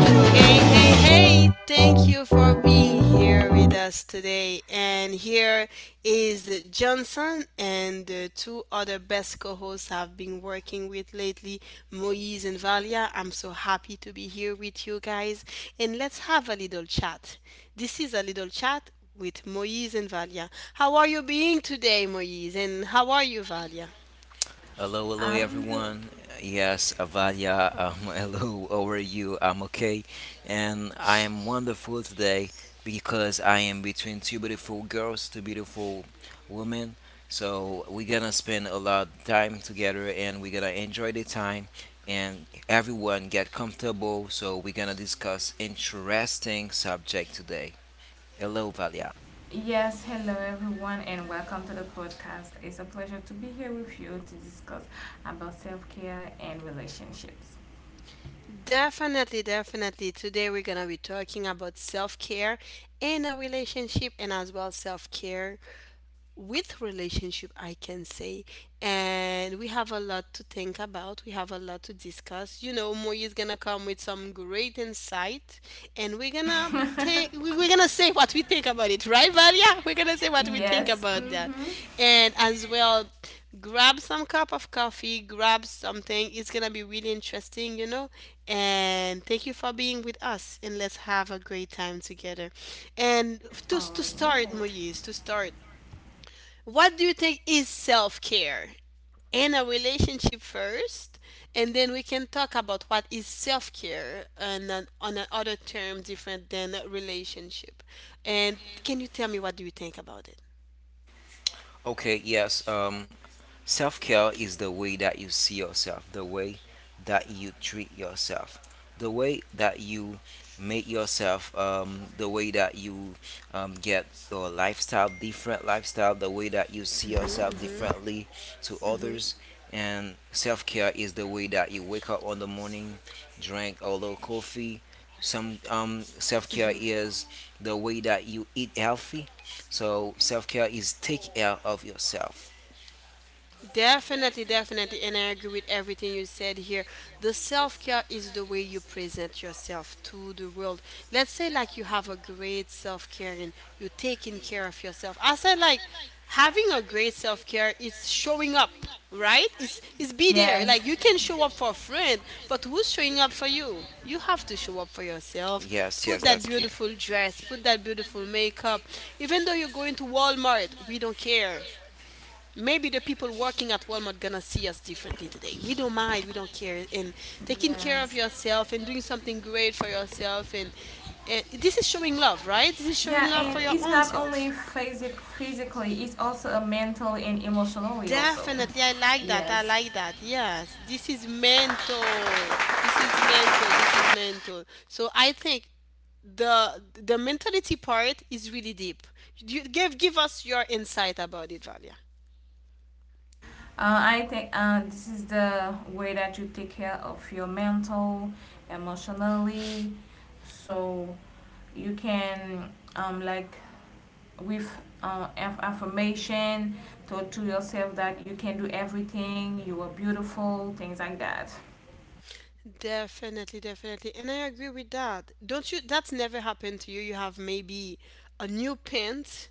Hey, hey, hey, thank you for being here with us today. And here is Johnson and the two other best co hosts I've been working with lately, Moise and Valia. I'm so happy to be here with you guys. And let's have a little chat. This is a little chat with Moise and Valia. How are you being today, Moise? And how are you, Valia? Hello, hello I'm the everyone. Yes, Avalia, hello, how are you? I'm okay. And I am wonderful today because I am between two beautiful girls, two beautiful women. So we're gonna spend a lot of time together and we're gonna enjoy the time and everyone get comfortable. So we're gonna discuss interesting subject today. Hello, Valia. Yes, hello everyone and welcome to the podcast. It's a pleasure to be here with you to discuss about self-care and relationships. Definitely, definitely. Today we're gonna be talking about self care in a relationship, and as well self care with relationship I can say. And we have a lot to think about. We have a lot to discuss, you know. Moy is gonna come with some great insight, and we're gonna take we're gonna say what we think about it, right Valia? We're gonna say what we think Yes. about that. Mhm. And as well, grab some cup of coffee, grab something. It's gonna be really interesting, you know. And thank you for being with us, and let's have a great time together. And to, All to start, right. Moise, to start, what do you think is self care? In a relationship first, and then we can talk about what is self care on on another term different than a relationship. And can you tell me what do you think about it? Okay, yes. Self care is the way that you see yourself, the way that you treat yourself, the way that you make yourself, the way that you get your lifestyle, different lifestyle, the way that you see yourself differently to others. And self care is the way that you wake up on the morning, drink a little coffee. Some self care is the way that you eat healthy. So self care is take care of yourself. Definitely, definitely. And I agree with everything you said here. The self care is the way you present yourself to the world. Let's say, like, you have a great self care and you're taking care of yourself. I said, like, having a great self care is showing up, right? It's be there. Yes. Like, you can show up for a friend, but who's showing up for you? You have to show up for yourself. Yes, Put yes, that that's clear. beautiful dress, put that beautiful makeup. Even though you're going to Walmart, we don't care. Maybe the people working at Walmart gonna see us differently today. We don't mind, we don't care, and taking care of Yes. yourself and doing something great for yourself, and this is showing love, right? This is showing Yeah, love and for your it's Halloween. own not only self. Physically, it's also a mentally and emotionally also. Definitely, I like that. I Yes. like that. Yes, this is mental. This is mental. This is mental. So I think the mentality part is really deep. You give us your insight about it, Valia. I think this is the way that you take care of your mental, emotionally, so you can like with uh, affirmation to yourself that you can do everything, you are beautiful, things like that. Definitely, definitely. And I agree with that. Don't you, that's never happened to you? You have maybe a new pant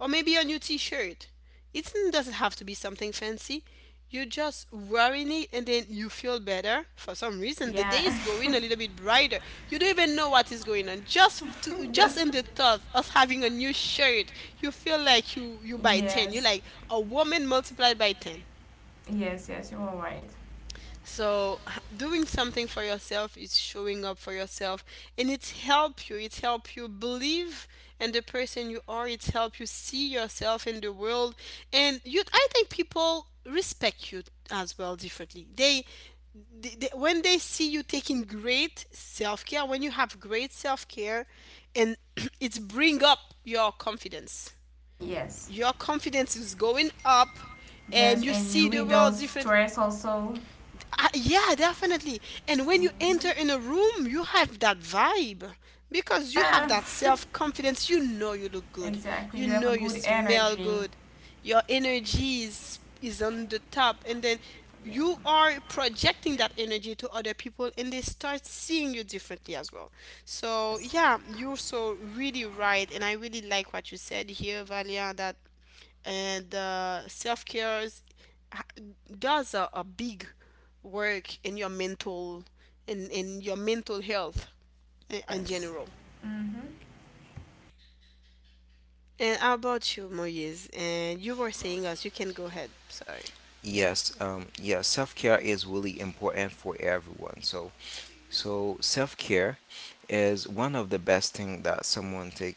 or maybe a new t-shirt. It doesn't have to be something fancy. You're just wearing it and then you feel better for some reason. The day is Yeah. going a little bit brighter. You don't even know what is going on. Just to just Just in the thought of having a new shirt, you feel like you by 10. You're yes, like a woman multiplied by 10. yes, yes, you are right. So doing something for yourself is showing up for yourself, and it's help you. It's help you believe in the person you are. It's help you see yourself in the world. And you, I think people respect you as well differently. They when they see you taking great self-care, when you have great self-care and it's bring up your confidence. Yes, Your confidence is going up and yes, you and see you the world reduce different. stress also. Yeah, definitely. And when you enter Mhm. in a room, you have that vibe because you have Yeah, that self confidence. You know you look good. exactly, You you have a know you good smell energy. good. Your energy is on the top, and then you are projecting that energy to other people, and they start seeing you differently as well. So Yes, yeah, you're so really right, and I really like what you said here, Valia. That and self care does a big work in your mental, in your mental health in yes. general. Mm-hmm. And how about you, Moise? And you were saying us, you can go ahead. Sorry. Yes, yeah, self-care is really important for everyone. So, self-care is one of the best thing that someone take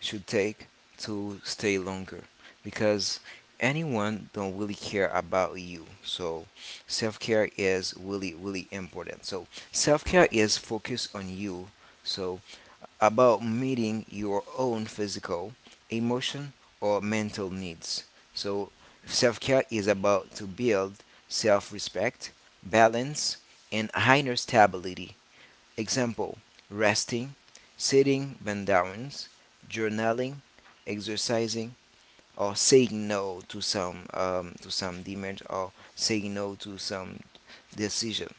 should take to stay longer because anyone don't really care about you. So, self-care is really really important. So, self-care is focus on you. So, about meeting your own physical, emotion, or mental needs. So, self care is about to build self respect, balance, and higher stability. Example resting, sitting boundaries, journaling, exercising, or saying no to some to some demand or saying no to some decision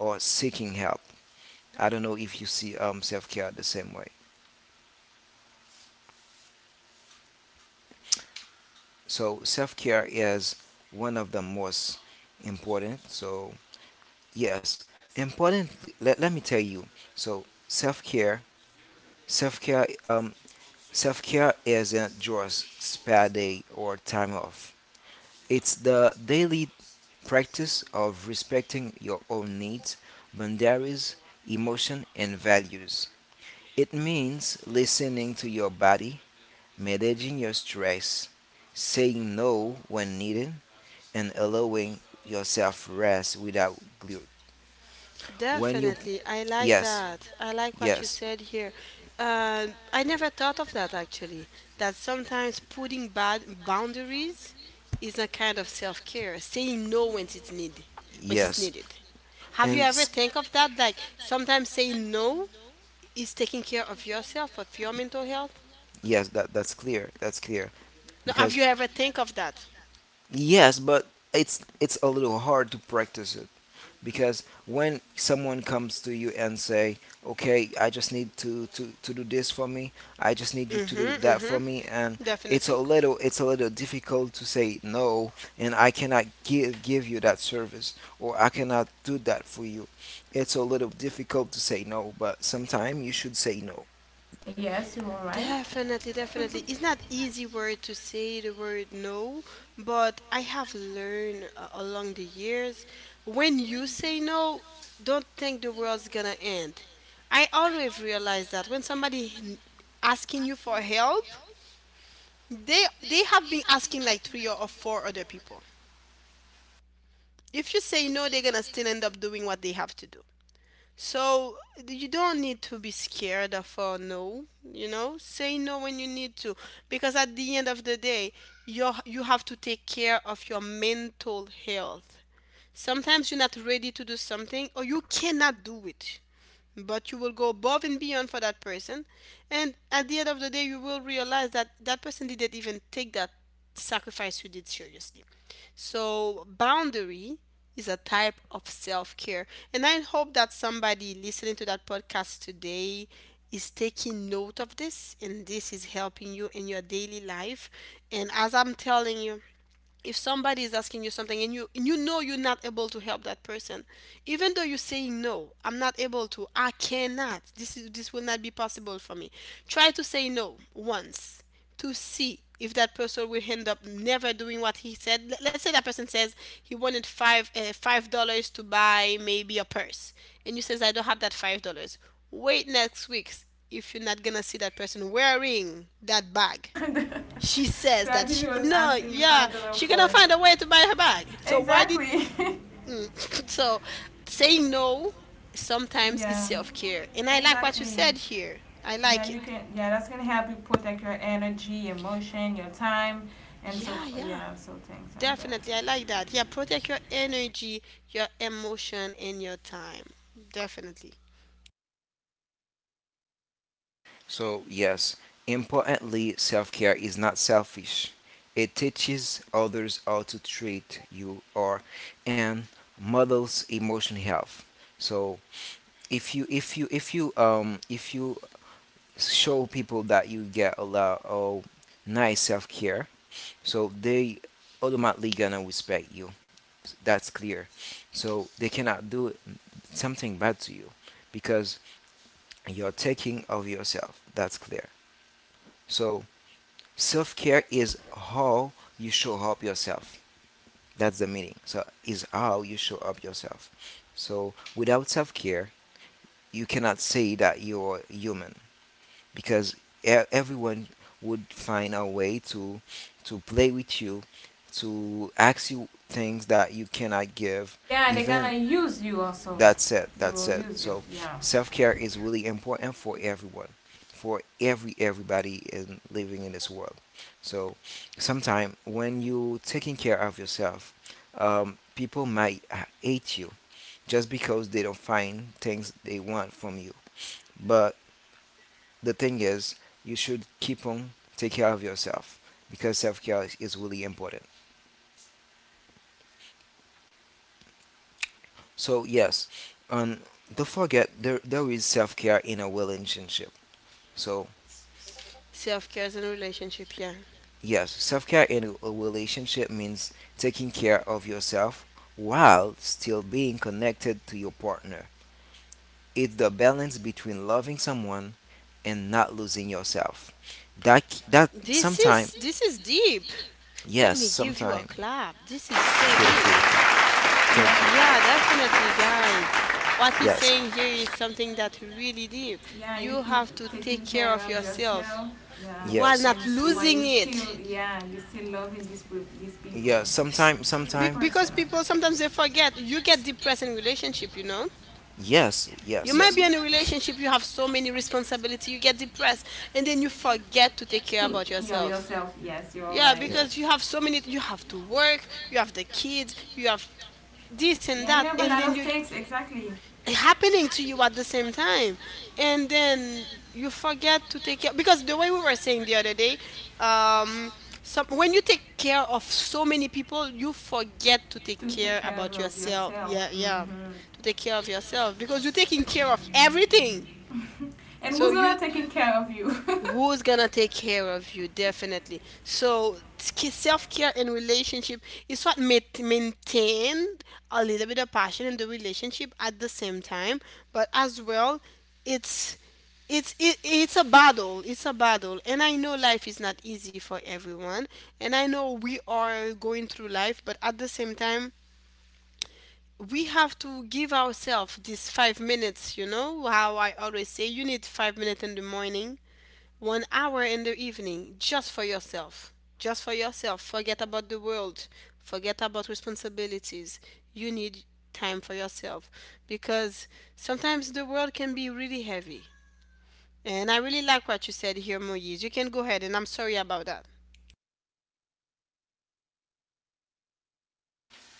or seeking help. I don't know if you see self care the same way. So self care is one of the most important. So yes, important. Let me tell you. So self care, self care, um, self care isn't just spa day or time off. It's the daily practice of respecting your own needs, boundaries, emotion, and values. It means listening to your body, managing your stress, saying no when needed, and allowing yourself rest without guilt. When you, Definitely. I like yes, that. I like what you yes, said here. I never thought of that actually, that sometimes putting bad boundaries is a kind of self-care, saying no when it's needed, when it's yes, needed. Have you and ever s- think of that? Like sometimes saying no is taking care of yourself, of your mental health? yes, that's clear. That's clear No, have because, you ever think of that? yes, but it's a little hard to practice it. Because when someone comes to you and say, okay, I just need to do this for me, I just need you to do Mm-hmm, that for mm-hmm. me, and it's a Definitely. little it's a little difficult to say no, and I cannot give you that service, or I cannot do that for you. It's a little difficult to say no, but sometimes you should say no. Yes, you are right. Definitely, definitely. It's not easy word to say the word no, but I have learned along the years, when you say no, don't think the world's gonna end. I always realize that when somebody asking you for help, they have been asking like 3 or 4 other people. If you say no, they're gonna still end up doing what they have to do. So you don't need to be scared of a no, you know? Say no when you need to, because at the end of the day, you have to take care of your mental health. Sometimes you're not ready to do something or you cannot do it, but you will go above and beyond for that person, and at the end of the day you will realize that that person didn't even take that sacrifice you did seriously. So boundary is a type of self-care, and I hope that somebody listening to that podcast today is taking note of this and this is helping you in your daily life. And as I'm telling you, if somebody is asking you something and you, and you know you're not able to help that person, even though you're saying no, I'm not able to, I cannot, this is, this will not be possible for me, try to say no once to see if that person will end up never doing what he said. Let's say that person says he wanted five $5 to buy maybe a purse, and you says I don't have that $5, wait next week. If you're not gonna see that person wearing that bag, That she says that he she, was no, asking you yeah, $5 she gonna for. find a way to buy her bag. So why did Exactly. mm, so saying no sometimes is Yeah. self care, and I like what you Exactly. said here. I Yeah, like it. you can. Yeah, that's gonna help you protect your energy, emotion, your time, and Yeah, yeah, yeah, so things like that. definitely. I like that. Yeah, protect your energy, your emotion, and your time. Definitely, So, yes, importantly, self care is not selfish. It teaches others how to treat you or and models emotional health. So, if you if you if you if you show people that you get a lot of nice self care, so they automatically gonna respect you. That's clear. So they cannot do something bad to you because you're taking of yourself. That's clear. So self care is how you show up yourself. That's the meaning. So is how you show up yourself. So without self care, you cannot say that you're human because everyone would find a way to play with you, to ask you things that you cannot give. Yeah, they're Even gonna use you also. that's it. They That's will it. use you. So Yeah. self care is really important for everyone, for everybody in living in this world. So sometimes when you taking care of yourself, people might hate you just because they don't find things they want from you. But the thing is, you should keep on take care of yourself because self care is really important. So yes, and don't forget there is self care in a relationship. So self care and relationship. Yeah, yes, self care in a relationship means taking care of yourself while still being connected to your partner. It's the balance between loving someone and not losing yourself. That this sometimes, is, this is deep. Let yes, me give you a sometimes. clap. This is so deep. Thank you. Yeah, Yeah. definitely, guys. What he's Yes. saying here is something that really deep. Yeah. You You keep have to take taking care care of of yourself yourself. Yeah. while Yes. And not while you losing still, it. yeah, you still loving these people, Yes. Sometime. this Be- Sometime. because person. people sometimes they forget. You get depressed in relationship, you know? Yes. You Yes. might Yes. be in a relationship, you have so many responsibility, you get depressed, and then you forget to take care To about t- your yourself. Yourself. Yes, you're Yeah, Yeah. right. because you have so many, you have to work, you have the kids, you have this and Yeah, you that, have a and lot then of you things, exactly. happening to you at the same time, and then you forget to take care, because the way we were saying the other day, um some, when you take care of so many people, you forget to take To take care care about of yourself. yourself. Yeah, yeah, Hmm. to take care of yourself, because you're taking care of everything, And so who's you, gonna taking care of you? who's gonna take care of you? Definitely. So self-care and relationship is what maintain a little bit of passion in the relationship at the same time, but as well it's it's a battle, it's a battle, and I know life is not easy for everyone, and I know we are going through life, but at the same time we have to give ourselves these 5 minutes. You know how I always say, you need 5 minutes in the morning, 1 hour in the evening, just for yourself. Just for yourself. Forget about the world. Forget about responsibilities. You need time for yourself, because sometimes the world can be really heavy. And I really like what you said here, Moise. You can go ahead, and I'm sorry about that.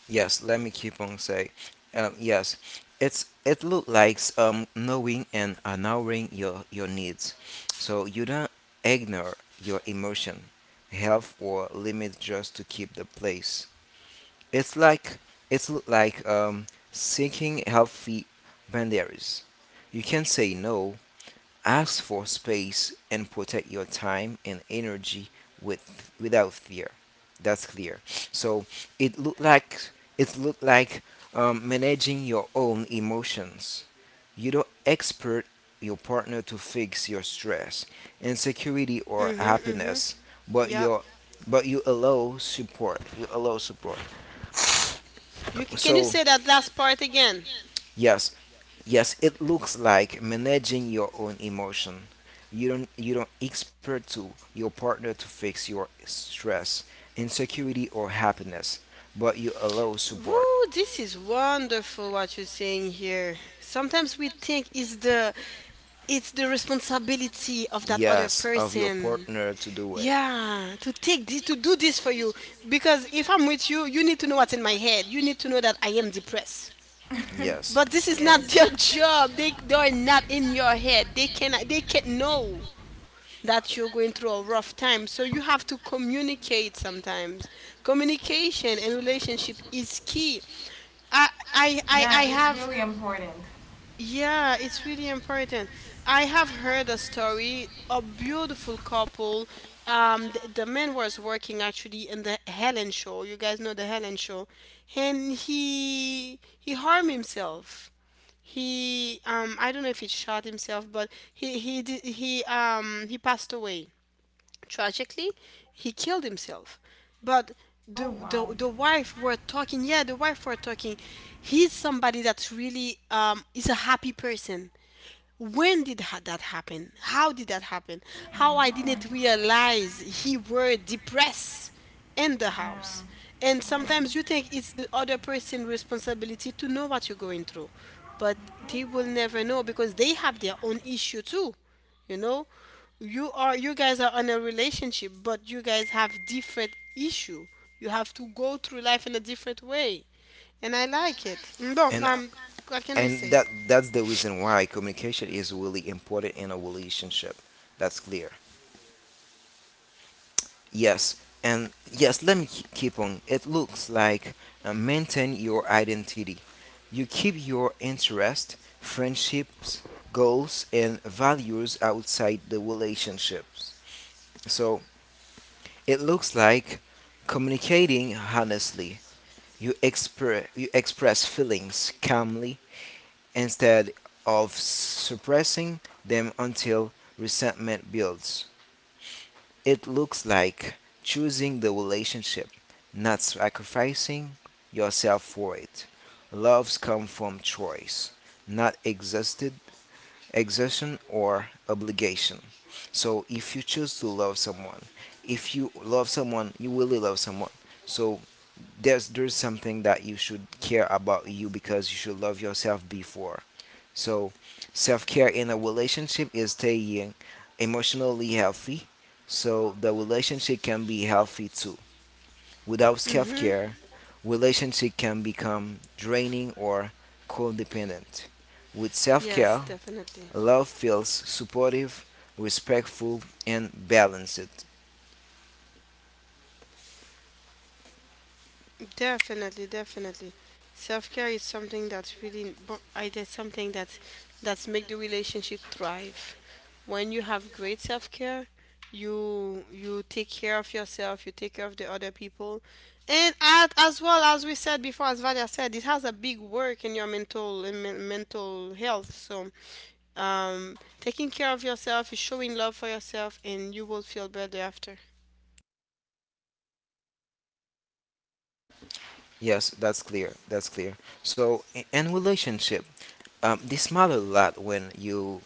Yes. Let me keep on saying. Yes. It look like knowing and honoring your needs, so you don't ignore your emotion, health or limit just to keep the place. It's like it's like seeking healthy boundaries. You can say no, ask for space, and protect your time and energy without fear. That's clear. So it look like it look like managing your own emotions. You don't expect your partner to fix your stress, insecurity, or Mhm, mhm. happiness, but Yeah. your but you allow support. You allow support. You can you So, say that last part again? yes, yes, it looks like managing your own emotion. You don't expect to your partner to fix your stress, insecurity or happiness, but you allow support. Woo, this is wonderful what you're saying here. Sometimes we think it's the responsibility of that other Yes, of your person. partner to do it. Yeah, to take this, to do this for you. Because if I'm with you, you need to know what's in my head. You need to know that I am depressed. Yes. But this is not Yes. their job. They are not in your head. They can't know that you're going through a rough time. So you have to communicate sometimes. Communication and relationship is key. Yeah, I it's have, really important. yeah, it's really important. I have heard a story, a beautiful couple. The man was working actually in the Helen show. You guys know the Helen show, and he harmed himself. He I don't know if he shot himself, but he passed away. Tragically, he killed himself. But Oh wow. The wife were talking. Yeah, the wife were talking. He's somebody that's really is a happy person. When did that happen? How did that happen? How, I didn't realize he were depressed in the Yeah. house. And sometimes you think it's the other person's responsibility to know what you're going through, but they will never know because they have their own issue too you know you guys are in a relationship, but you guys have different issue. You have to go through life in a different way. And I like it Mm, but And um what can we and say? that's the reason why communication is really important in a relationship. That's clear. Yes, and yes, let me keep on. It looks like maintain your identity. You keep your interest, friendships, goals, and values outside the relationships. So it looks like communicating honestly. You express feelings calmly instead of suppressing them until resentment builds. It looks like choosing the relationship, not sacrificing yourself for it. Loves come from choice, not exhaustion or obligation. So if you choose to love someone, if you love someone, you really love someone. So there's something that you should care about you because you should love yourself before. So self-care in a relationship is staying emotionally healthy so the relationship can be healthy too. Without Mm-hmm. self-care, relationship can become draining or codependent. With Yes, self-care, definitely. love feels supportive, respectful and balanced. Definitely, definitely. Self-care is something that's really bo- I there's something that's make the relationship thrive. When you have great self-care, you take care of yourself, you take care of the other people. And at, as well as we said before, as Vadia said, it has a big work in your mental health. So taking care of yourself is showing love for yourself and you will feel better after. Yes, that's clear. That's clear. So, in relationship, this matter a lot when you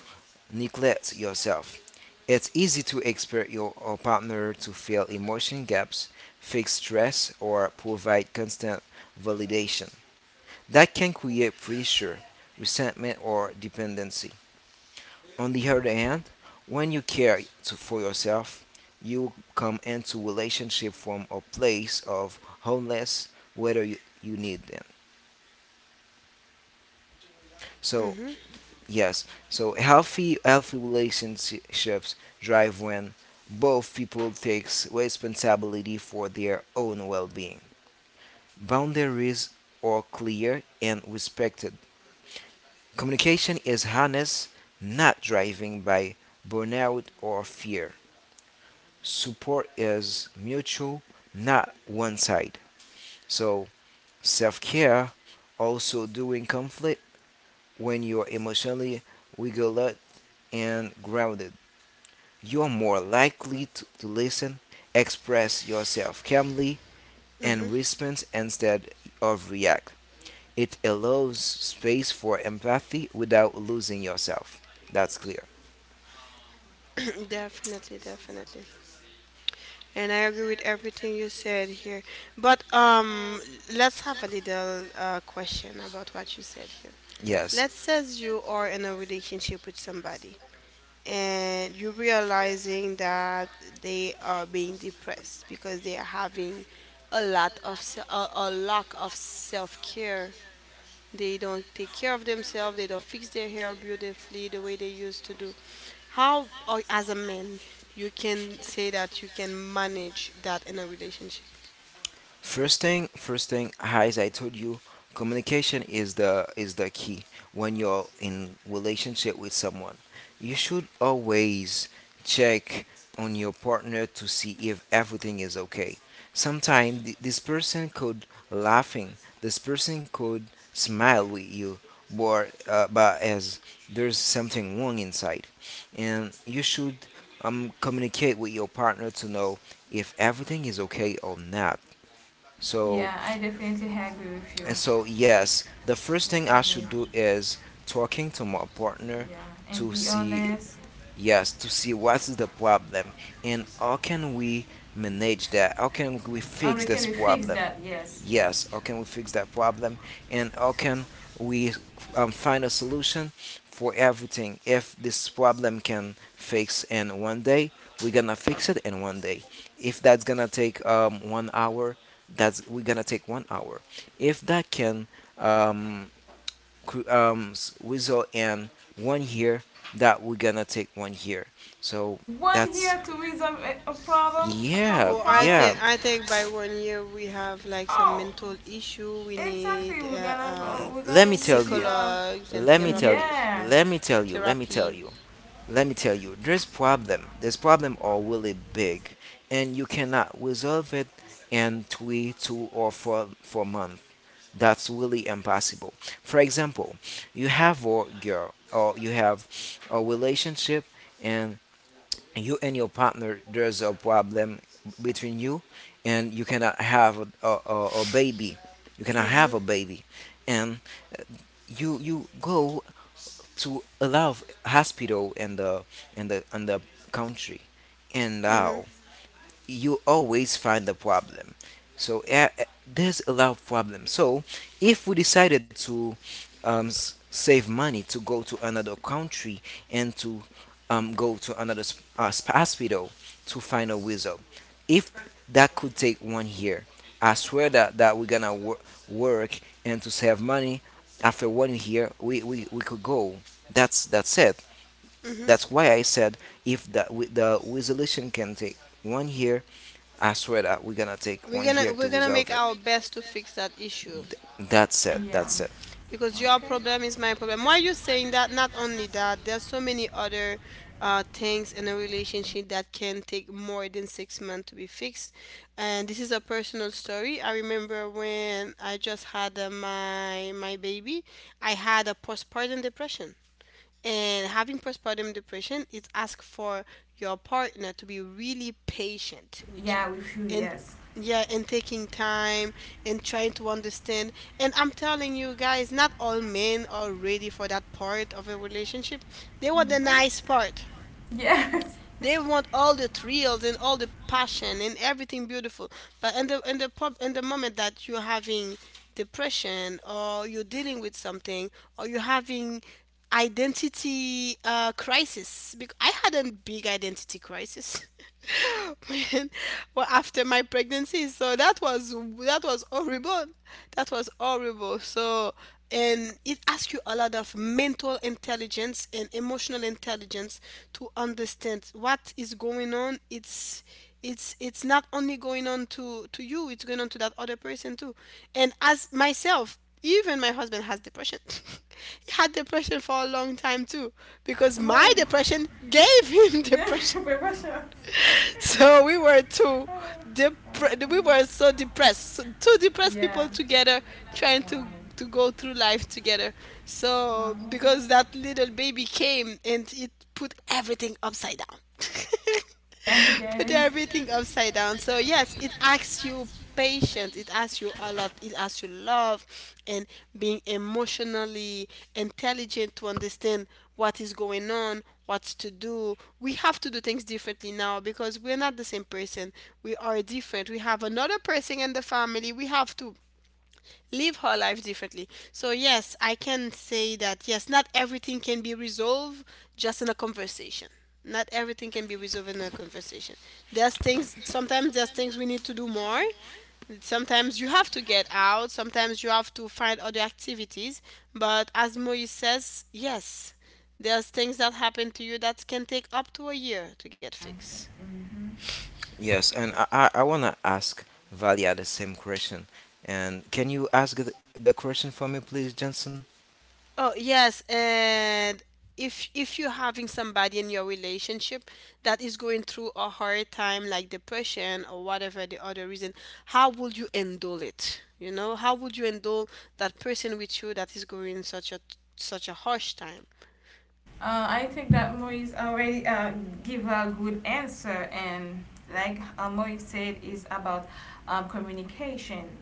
neglect yourself. It's easy to expect your partner to fill emotion gaps, fix stress, or provide constant validation. That can create pressure, resentment, or dependency. On the other hand, when you care for yourself, you come into relationship from a place of wholeness, whether you need them. So Mm-hmm. yes, so healthy relationships drive when both people takes responsibility for their own well-being. Boundaries are clear and respected. Communication is honest, not driving by burnout or fear. Support is mutual, not one side. So self-care also during conflict when you're emotionally regulate and grounded. You are more likely to listen, express yourself calmly, Mm-hmm. and respond instead of react. It allows space for empathy without losing yourself. That's clear. Definitely, definitely. And I agree with everything you said here. But let's have a little question about what you said here. Yes. Let's says you are in a relationship with somebody and you're realizing that they are being depressed because they are having a lot of a lack of self-care. They don't take care of themselves. They don't fix their hair beautifully the way they used to do. How, or as a man, you can say that you can manage that in a relationship? First thing, as I told you, communication is the key when you're in relationship with someone. You should always check on your partner to see if everything is okay. Sometimes this person could laughing, this person could smile with you, but as there's something wrong inside, and you should communicate with your partner to know if everything is okay or not. So, Yeah, I definitely agree with and you. so yes, the first The thing I thing should is, do is talking to my partner yeah, and to be see, honest. yes, to see what is the problem and how can we manage that? How can we And fix we this can fix problem? that. Yes, Yes, yes. how can we fix that problem? And how can we find a solution for everything? If this problem can fix in one day, we're gonna fix it in one day. If that's gonna take one hour, that's we're gonna take one hour. If that can um, result in one year, that we're gonna take one year. So One that's, here to resolve a problem, a yeah, couple Oh, I problem. yeah. think by 1 year we have like some Oh, mental issue. We exactly. need We're gonna go. We're Let me going to tell see. you. Psychologues and Let me tell you. therapist Yeah, Let me tell you. Let me tell therapy. you. Let me tell you, this problem. This problem are really big, and you cannot resolve it in three, two, or four months. That's really impossible. For example, you have a girl or you have a relationship, and you and your partner there's a problem between you, and you cannot have a, a baby. You cannot have Mm-hmm. a baby, and you go to allow hospital in the country, and Mm-hmm. now you always find the problem. So there's a lot of problems. So if we decided to save money to go to another country and to go to another hospital to find a wizard, if that could take one year, I swear that, we're gonna work and to save money. After one year we could go. That's it. That's why I said if the with the resolution can take one year, I swear that we're gonna take We're one year gonna to we're gonna make resolve it. our best to fix that issue, That's it. yeah. That's it. because your Okay. problem is my problem. Why you saying that? Not only that, there's so many other things in a relationship that can take more than 6 months to be fixed. And this is a personal story. I remember when I just had my baby. I had a postpartum depression, and having postpartum depression is ask for your partner to be really patient with Yeah, you, with you. and, Yes. yeah, and taking time and trying to understand. And I'm telling you guys, not all men are ready for that part of a relationship. They want the nice part. Yes. They want all the thrills and all the passion and everything beautiful. But in the moment that you're having depression, or you're dealing with something, or you're having identity crisis, because I had a big identity crisis. When, well, after my pregnancy. So that was horrible. That was horrible. So and it asks you a lot of mental intelligence and emotional intelligence to understand what is going on. It's not only going on to you. It's going on to that other person too. And as myself, even my husband has depression. He had depression for a long time too because my Oh, depression gave him good. depression. Paper shots. So we were so depressed. So two Yeah. depressed Yeah, people together, trying to go through life together, so because that little baby came and it put everything upside down. I get Put it. everything upside down. So yes, it asks you patience. It asks you a lot. It asks you love and being emotionally intelligent to understand what is going on, what to do. We have to do things differently now because we're not the same person. We are different. We have another person in the family. We have to live her life differently. So, yes, I can say that, yes, not everything can be resolved just in a conversation. Not everything can be resolved in a conversation. There's things, sometimes there's things we need to do more. Sometimes you have to get out, sometimes you have to find other activities. But as Moise says, yes, there's things that happen to you that can take up to a year to get fixed. Hmm. Uh, Yes, and I wanna ask Valia the same question. And can you ask the question for me, please, Johnson? Oh, yes, and if you're having somebody in your relationship that is going through a hard time like depression or whatever the other reason, how would you handle it? You know, how would you handle that person with you that is going such a harsh time? I think that Moise already give a good answer, and like Moise said, is about communication.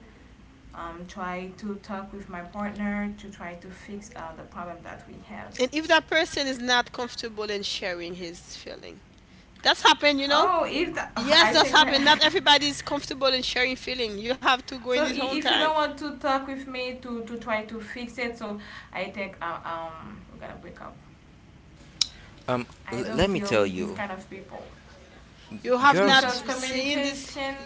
Try to talk with my partner to try to fix the problem that we have. And if that person is not comfortable in sharing his feeling. That's happened, you know? Oh, if the, Yes, I that's think happened. I. Not everybody is comfortable in sharing feeling. You have to go in So his own if you time. don't want to talk with me to try to fix it, so I think we're gonna break up. Um, I Let don't me deal tell with these you, kind of people You have girls, not because seen this. communication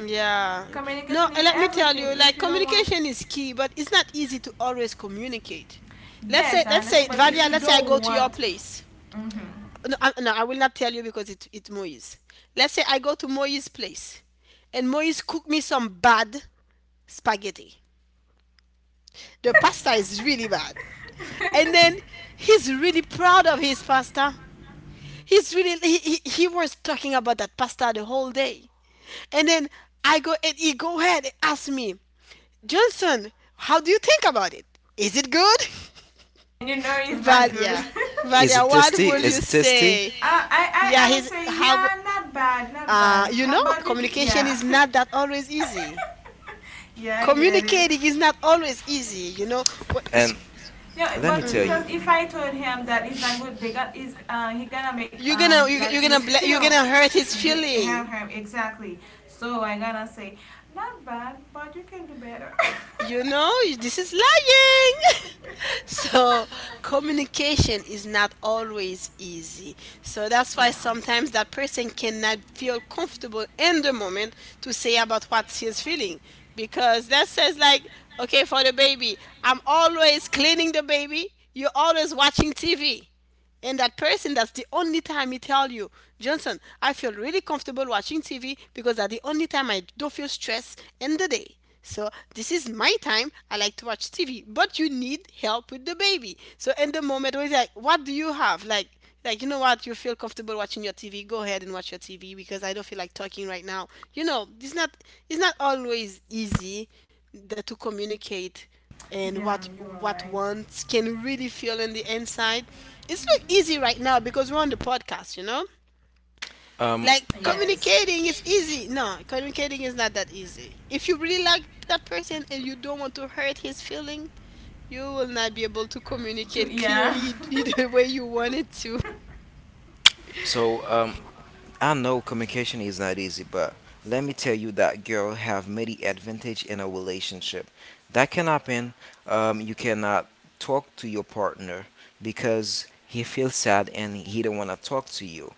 Yeah. No, communication is let me tell everything. you, like If you don't want, communication is key, but it's not easy to always communicate. Yes, I understand, but if Valia, you let's say I go don't to your want, place. No, I will not tell you because it Moise. Let's say I go to Moise's place and Moise cook me some bad spaghetti. The pasta is really bad. And then he's really proud of his pasta. He's really he was talking about that pasta the whole day. And then I go and he go ahead and ask me, Johnson, how do you think about it? Is it good? you know it's not good. Valia. Is Valia, it what tasty? will you Is it tasty? say? I, I Yeah, I would he's say how yeah, not bad, not bad. you Yeah, know, but you c communication yeah. is not that always easy. Yeah, I get it. Communicating is not always easy. What is And Yeah, let me but tell you, because if I told him that it's not good, they got is he gonna make you're gonna you you're, like you're gonna he's bla- you're feel gonna hurt his him feeling. him exactly. So I gonna say not bad, but you can do better. You know this is lying. So communication is not always easy, so that's why Yeah, sometimes that person cannot feel comfortable in the moment to say about what she is feeling. Because that says like, okay, for the baby, I'm always cleaning the baby, you're always watching TV. And that person, that's the only time he tell you, Johnson, I feel really comfortable watching TV because that's the only time I don't feel stress in the day. So this is my time, I like to watch TV, but you need help with the baby. So in the moment where it's like, what do you have, like you know what, you feel comfortable watching your TV, go ahead and watch your TV because I don't feel like talking right now. You know, it's not always easy, that to communicate, and yeah, what you are what right. ones can really feel in the inside. It's not easy right now because we're on the podcast, you know? um, Like uh, Yes, communicating is easy. No, communicating is not that easy. If you really like that person and you don't want to hurt his feeling, you will not be able to to communicate yeah, clearly the way you want it to. so I know communication is not easy, but let me tell you that girl have many advantage in a relationship. That can happen. You cannot talk to your partner because he feels sad and he don't wanna talk to you.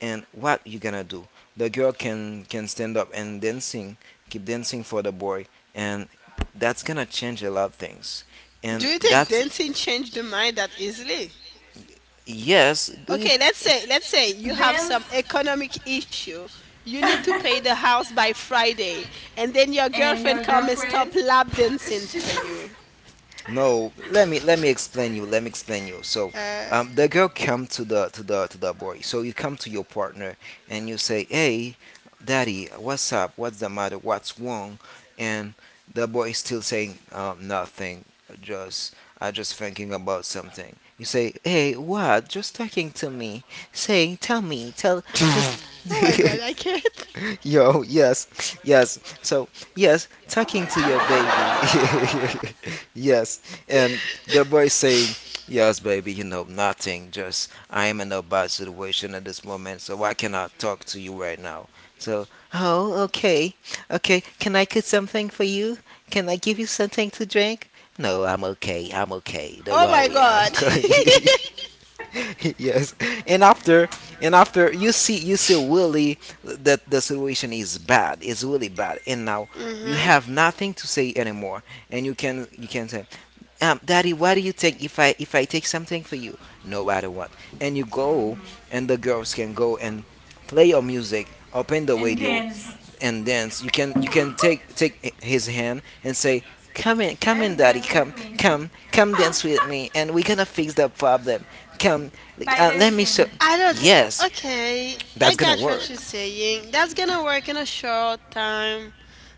And what you gonna do? The girl can stand up and dancing, keep dancing for the boy, and that's gonna change a lot of things. Do And you think that's. dancing changed the mind that easily? Yes, do you? Okay, let's say let's say just you have dance some economic issue. You need to pay the house by Friday, and then your and your girlfriend come and girlfriend stop lap dancing should for you. No, let me explain you. Let me explain you. So, uh, the girl come to the boy. So you come to your partner and you say, "Hey, daddy, what's up? What's the matter? What's wrong?" And the boy is still saying nothing. Just I just thinking about something. You say, "Hey, what? Just talking to me. Say, tell me, tell just." oh my god, I can't. Yo, yes, yes. So, yes, talking to your baby. Yes. And the boy saying, "Yes, baby, you know, nothing. Just, I am in a bad situation at this moment, so I cannot talk to you right now." So, oh, okay. Okay, can I cook something for you? Can I give you something to drink? No, I'm okay. I'm okay. Don't Oh my worry. I'm god. okay. Yes. And after, and after you see, you see really that the situation is bad, it's really bad, and now you hmm have nothing to say anymore. And you can say, daddy, what do you take? If i take something for you, no matter what. And you go, and the girls can go and play your music, open the and radio dance. and dance. You can take his hand and say, "Come in, come in, Let's daddy, dance come, with me come, come dance with me, and we're gonna fix the problem. Come, by let me show." dancing. I don't th- Yes, Okay, I that's gonna got what work. you're saying. That's gonna work in a short time,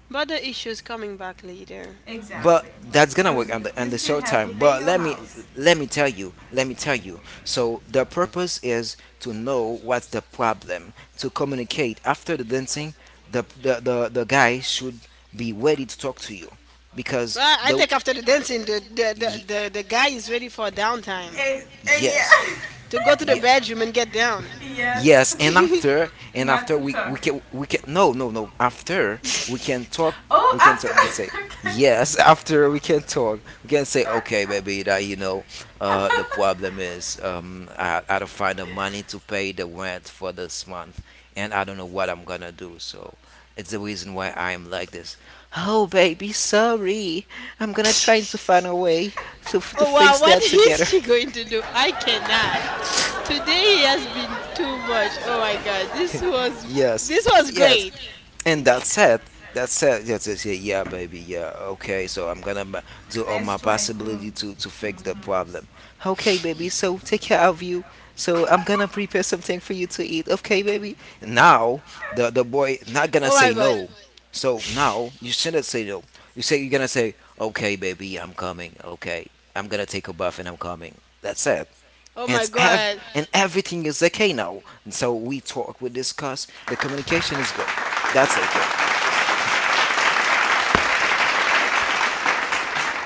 but the issue is coming back later. But Exactly. that's gonna work Because on you, the on you the still short have time, to but pay your let me. house. Let me tell you, so the purpose is to know what's the problem, to communicate after the dancing. The guy should be ready to talk to you because Well, I the y-. think after the dancing, the guy is ready for downtime, Eh, eh, Yes, yeah. to go to the yeah. bedroom and get down. Yes, Yes, and after, and not after to we talk. can, no no no, after we can talk, Oh, we can talk, we can say. after. Okay. Yes. After we can talk, we can say, "Okay, baby, that, you know, uh, the problem is, um, I don't find the money to pay the rent for this month, and I don't know what I'm gonna do, so it's the reason why I'm like this." Oh baby, sorry. I'm gonna try to find a way to to Oh wow, fix what that is together. she going to do? I cannot. Today has been too much. Oh my god, this was Yes, yes, great. and that's it. That's it. Yes, yes, yeah, yeah, baby, yeah. Okay, so I'm gonna do all my Let's try to. possibility to fix the problem. Okay, baby. So take care of you. So I'm gonna prepare something for you to eat. Okay, baby. Now the boy not gonna Oh my say god. no. So now you shouldn't say no. You say, you're gonna say, okay, baby, I'm coming. Okay, I'm gonna take a bath and I'm coming. That's it. Oh my And god. Everything is okay now. And so we talk, we discuss. The communication is good. That's okay.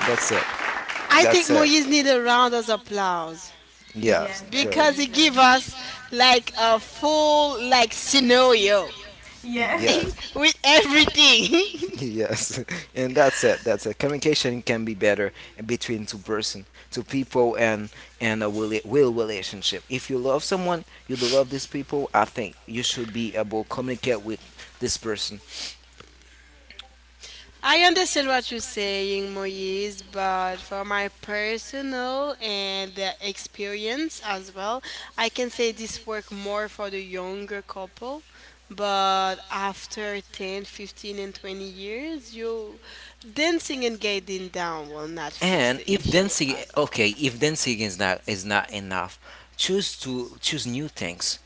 That's it. I think That's it. Moise needs a round of applause Yeah. Yes, So because he definitely. give us like a full like scenario Yes. yeah, with everything. yes, and that's it. That's it. Communication can be better between two person, two people, and a will relationship. If you love someone, you do love these people. I think you should be able to communicate with this person. I understand what you're saying, Moise, but for my personal and experience as well, I can say this work more for the younger couple. But after 10, 15, and 20 years, you dancing and getting down will not fix And the if issue dancing, at all. okay, if dancing is not enough, choose to choose new things.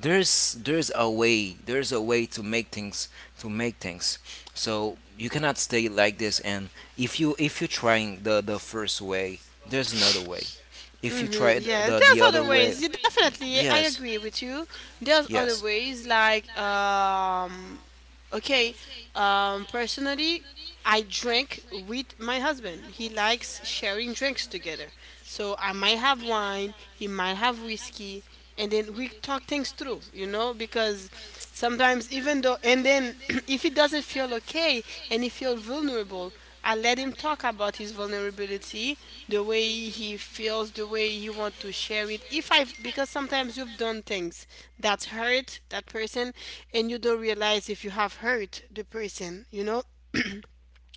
There's a way, there's a way to make things, to make things. So you cannot stay like this. And if you if you're trying the first way, there's another way. If you try Mm-hmm. the Yes, the, the there's other other way. ways. You definitely, I Yes, agree with you. There's other yes, ways, like okay, personally, I drink with my husband. He likes sharing drinks together. So I might have wine, he might have whiskey, and then we talk things through, because sometimes even though and then if he doesn't feel okay and he feels vulnerable, I let him talk about his vulnerability, the way he feels, the way he want to share it. If I because sometimes you've done things that hurt that person and you don't realize if you have hurt the person, you know?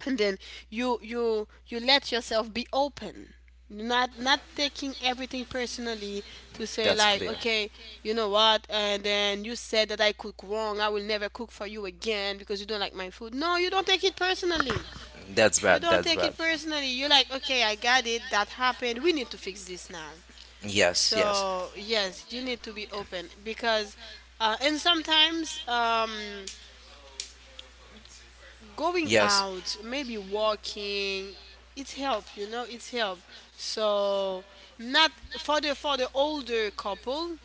And then you let yourself be open, not taking everything personally, to say that's like, clear. okay, you know what, and then you said that I cook wrong, I will never cook for you again because you don't like my food. No, you don't take it personally. That's You bad. don't That's take it bad. personally. You're like, okay, I got it, that happened, we need to fix this now. Yes, yes, So yes, you need to be open because and sometimes going yes. out, maybe walking, it help, it help. So not for the for the older couple,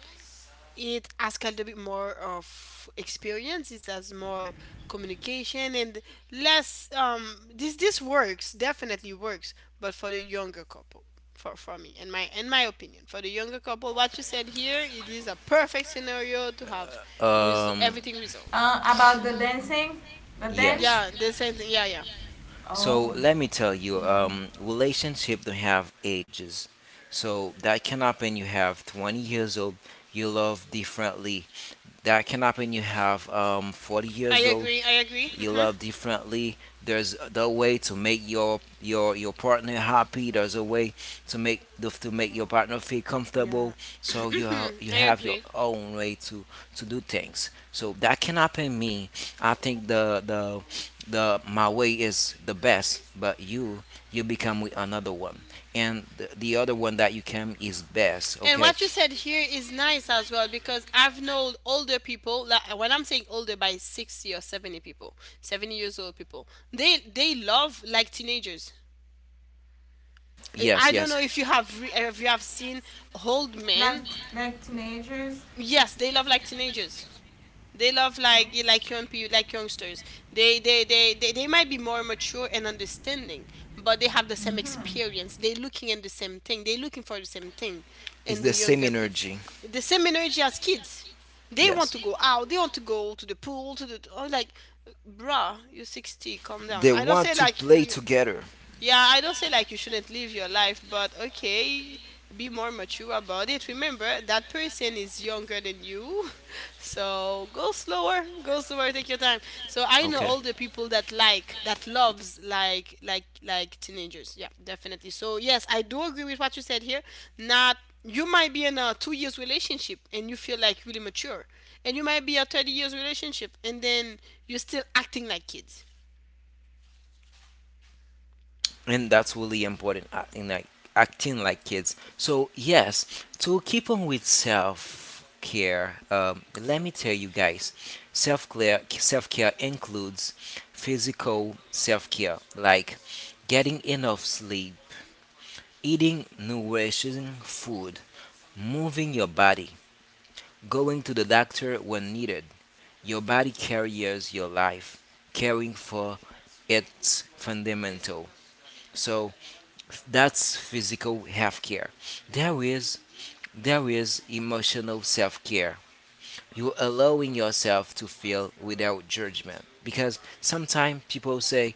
it asks a little bit more of experience. It has more communication and less. This works, definitely works, but for the younger couple, for me, in my opinion, for the younger couple, what you said here, it is a perfect scenario to have Um, everything resolved. About the dancing, the yes. dance. Yeah, the same thing. Yeah, yeah. So Oh, let me tell you, relationship don't have ages. So that can happen. You have 20 years old. You love differently. That can happen. You have 40 I years old. agree. I agree. You Hmm. love differently. There's the way to make your partner happy. There's a way to make, to make your partner feel Yeah. comfortable. So you Hmm, I you have your agree. own way to do things. So that can happen. Me, I think the my way is the best, but you become with another one, and the other one that you came is best, And what you okay. said here is nice as well because I've known older people. Like when I'm saying older, by 60 or 70 people, 70 years old people, they love like teenagers. Yes, I don't yes, know if you have if you have seen old like men. like teenagers. Yes, they love like teenagers. They love like like young people, like youngsters. They might be more mature and understanding, but they have the same experience. They're looking at the same thing. They're looking for the same thing, it's and the the same younger people, energy. the same energy as kids. They want Yes. to go out. They want to go to the pool. To the, oh, like, bruh, you're 60. Calm down. They I don't want say to like play you. together. Yeah, I don't say like you shouldn't live your life, but okay, be more mature about it. Remember, that person is younger than you. So go slower, take your time. So I know Okay. all the people that that loves like like teenagers. Yeah, definitely. So yes, I do agree with what you said here. Not, you might be in a 2 years relationship and you feel like really mature. And you might be a 30 years relationship and then you're still acting like kids. And that's really important, in like acting like kids. So yes, to keep on with self care, let me tell you, guys, self care includes physical self care, like getting enough sleep, eating nourishing food, moving your body, going to the doctor when needed. Your body carries your life, caring for it's fundamental. So that's physical health care. There is, there is emotional self care. You're allowing yourself to feel without judgment. Because sometimes people say,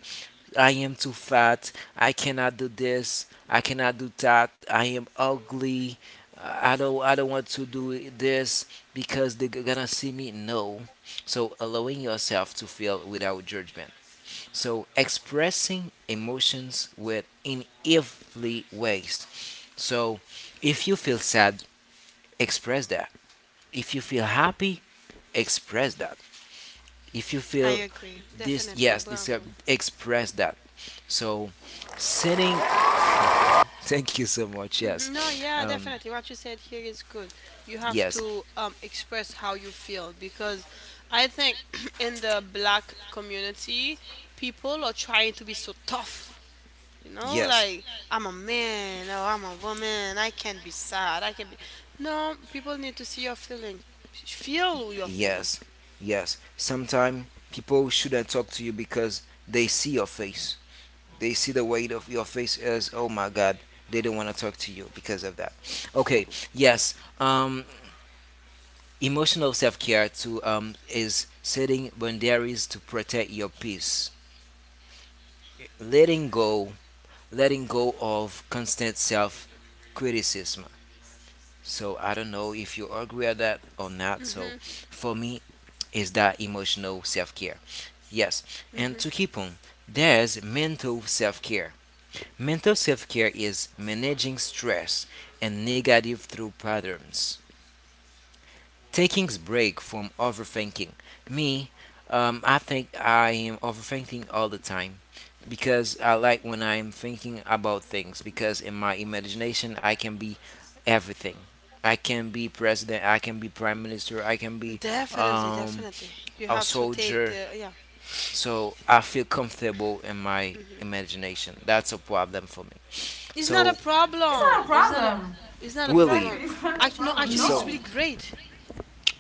"I am too fat. I cannot do this. I cannot do that. I am ugly. I don't, I don't want to do this because they're gonna see me." No. So allowing yourself to feel without judgment. So expressing emotions with in every ways. So if you feel sad, express that. If you feel happy, express that. If you I feel agree, this, definitely. yes, this, Bravo. Express that. So setting. Thank you so much. Mhm. No, Yes, yeah, definitely. What you said here is good. You have yes, to express how you feel because I think in the black community, people are trying to be so tough. You know, yes, like, I'm a man or I'm a woman. I can't be sad. I can be. No, people need to see your feeling. Feel your feeling. yes. Yes, sometimes people shouldn't talk to you because they see your face, they see the weight of your face as, oh my god, they don't want to talk to you because of that. Okay. Yes, emotional self care too, is setting boundaries to protect your peace. Letting go, letting go of constant self criticism. So I don't know if you agree with that or not. So for me, is that emotional self care? Yes. And to keep on, there's mental self care. Mental self care is managing stress and negative thought patterns, taking a break from overthinking. Me, I think I am overthinking all the time, because I like when I am thinking about things, because in my imagination I can be everything. I can be president, I can be prime minister, I can be, Definitely, um, definitely. You a have to take soldier. the, yeah. So I feel comfortable in my imagination. That's a problem for me. It's not a So, It's not a problem. It's not a, problem. it's not a Willie, Exactly, problem. it's not a Actually, no, problem. actually, so. it's No, really great.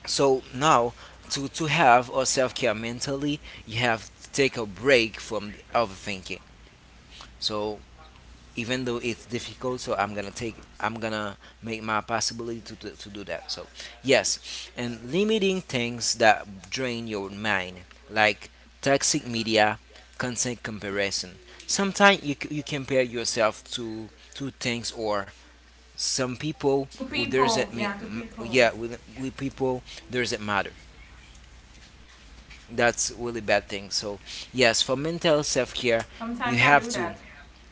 So now to have a self care mentally, you have to take a break from overthinking. So even though it's difficult, so I'm gonna take, I'm gonna make my possibility to do that. So yes, and limiting things that drain your mind, like toxic media, content comparison. Sometimes you you compare yourself to things or some people to who doesn't people. Yeah, to mean. people. Yeah, with people doesn't matter. That's really bad thing. So yes, for mental self care, Sometimes you I do have to. that.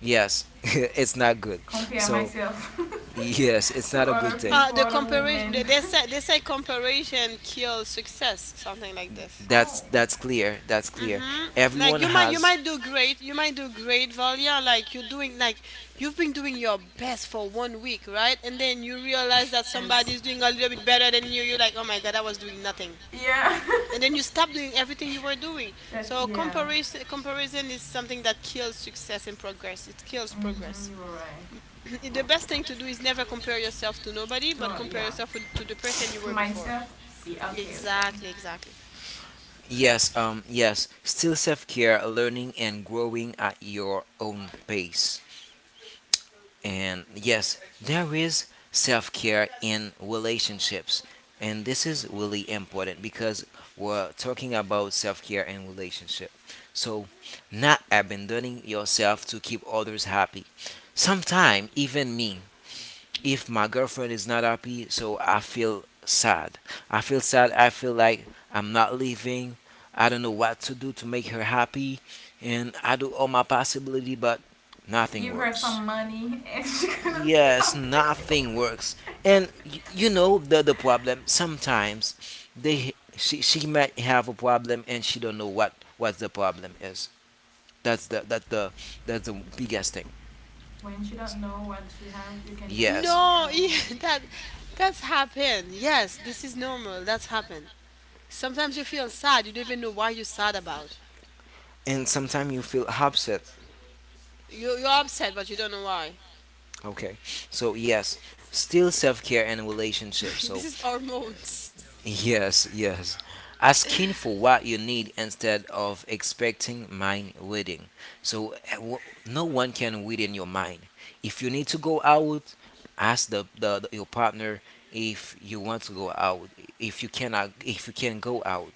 Yes, it's not good. Compare So myself yes, it's to not a other good thing. People, The other comparison, women. They say comparison kills success, something like this. Oh, That's clear. That's clear. Mm-hmm. Like Everyone you has. might do great. You might do great, Valia. Like you're doing like you've been doing your best for one week, right? And then you realize that yes. somebody's doing a little bit better than you. You're like, oh my god, I was doing nothing. Yeah. And then you stop doing everything you were doing. So That yeah. Comparison is something that kills success and progress. It kills progress. Mm-hmm, you were right. The best thing to do is never compare yourself to nobody, To but compare Yeah, yourself to the person you to were before. myself. Yeah, okay, okay. Exactly, exactly. Yes, yes. Still self care, learning and growing at your own pace. And yes, there is self care in relationships. And this is really important, because we're talking about self care and relationship. So, not abandoning yourself to keep others happy. Sometimes, even me, if my girlfriend is not happy, so I feel sad. I feel sad. I feel like I'm not living. I don't know what to do to make her happy, and I do all my possibility, but nothing Give her works. some money and she's gonna be Yes, happy. nothing works. And you know the problem. Sometimes they, she might have a problem and she don't know what the problem is. That's the, that the, that's the biggest thing. When she don't know what she have, you can just Yes. send, No. Give Yeah, her. that, that's happened. Yes, this is normal. That's happened. Sometimes you feel sad, you don't even know why you're sad about. And sometimes you feel upset. You're upset but you don't know why. Okay. So yes, still self-care and relationships. So This is hormones. yes, yes. Asking for what you need instead of expecting mind reading. So eh, no one can read in your mind. If you need to go out, ask your partner if you want to go out. If you cannot, if you can go out.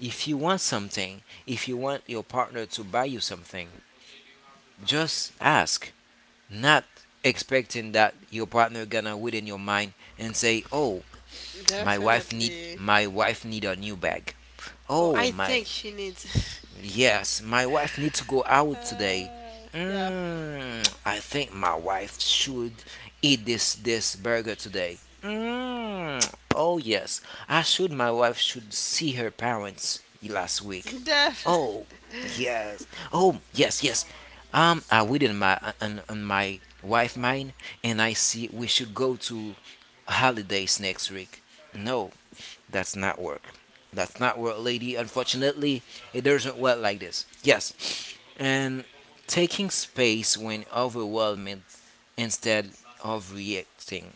If you want something, if you want your partner to buy you something, just ask, not expecting that your partner gonna within your mind and say, oh, Definitely. my wife need a new bag, Oh, I oh my. think she needs. Yes, my wife needs to go out today. Yeah. Mm, I think my wife should eat this burger today. Mm, oh yes, I should. My wife should see her parents last week. Def. Oh yes. Oh yes, yes. I read in my, on my wife mind, and I see we should go to holidays next week. No, that's not work. That's not work, lady. Unfortunately, it doesn't work like this. Yes. And taking space when overwhelmed instead of reacting.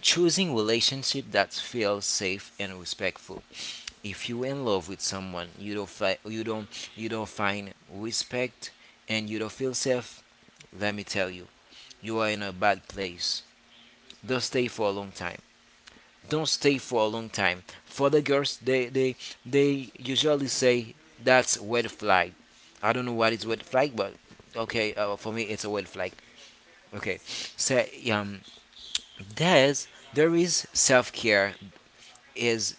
Choosing relationship that feels safe and respectful. If you're in love with someone, you don't you don't, you don't find respect and you don't feel safe, let me tell you, you are in a bad place. Don't stay for a long time. Don't stay for a long time. For the girls, they they usually say that's red flag. I don't know what is red flag, but okay, for me it's a red flag. Okay, so um, there's there is self care is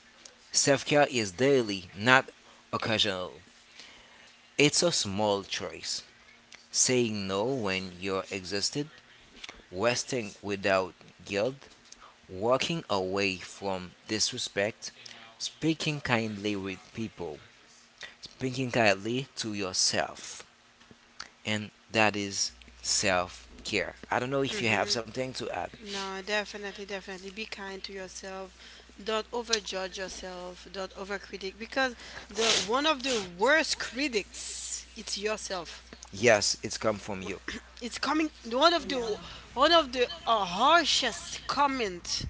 self care is daily, not occasional. It's a small choice. Saying no when you're exhausted, resting without guilt, walking away from disrespect, speaking kindly with people. Think entirely to yourself, and that is self care. I don't know if you Hmm. have something to add. No, definitely, definitely. Be kind to yourself. Don't overjudge yourself. Don't overcritic because the one of the worst critics, it's yourself. Yes, it's come from you. It's coming Yeah. One of the harshest comment,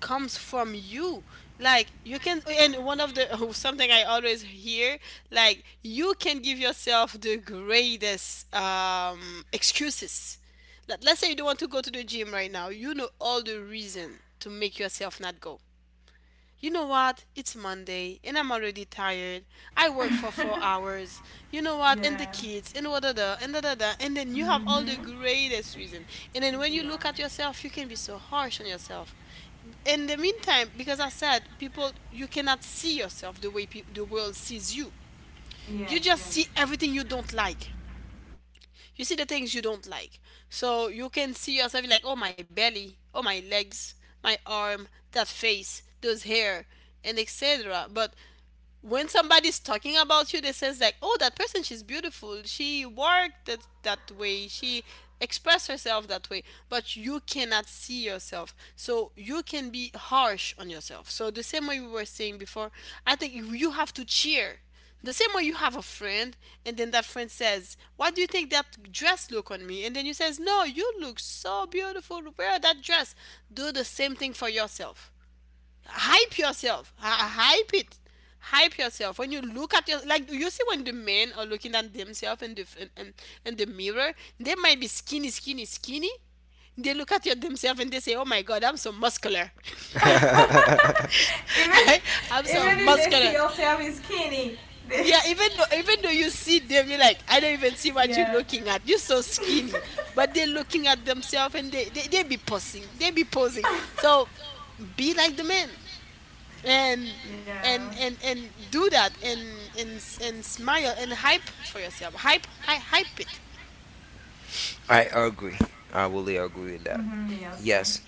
comes from you. Like, you can, and one of the, something I always hear, like, you can give yourself the greatest excuses. Let's say you don't want to go to the gym right now, you know all the reason to make yourself not go. You know what? It's Monday and I'm already tired. I work for 4 hours. You know what? And the Yeah. kids and what da da and da da da. And then you have all the Mhm. greatest reason. And then when you look at Yeah. yourself, you can be so harsh on yourself. In the meantime, because I said, people, you cannot see yourself the way the world sees you. You Yes. just see Yes. everything you don't like. You see the things you don't like. So you can see yourself like, oh, my belly, oh, my legs, my arm, that face, those hair, and etc. But when somebody's talking about you, they says like, "Oh, that person, she's beautiful. She worked that way. She expressed herself that way." But you cannot see yourself, so you can be harsh on yourself. So the same way we were saying before, I think you have to cheer. The same way you have a friend, and then that friend says, "Why do you think that dress look on me?" And then you says, "No, you look so beautiful. Wear that dress." Do the same thing for yourself. Hype yourself. Hype it. Hype yourself. When you look at your, like, you see when the men are looking at themselves in the in the mirror, they might be skinny skinny. They look at themselves and they say, oh my god, I'm so muscular. Even I, I'm so even if they see muscular. yourself is skinny, they, Yeah, even though you see them, you're like, I don't even see what you're yeah. looking at, you're so skinny. But they're looking at themselves and they be posing, they be posing. So be like the men, and Yeah. and do that, and and smile, and hype for yourself. Hype, hype it. I agree. I really agree with that. Mhm. Me also. Yes.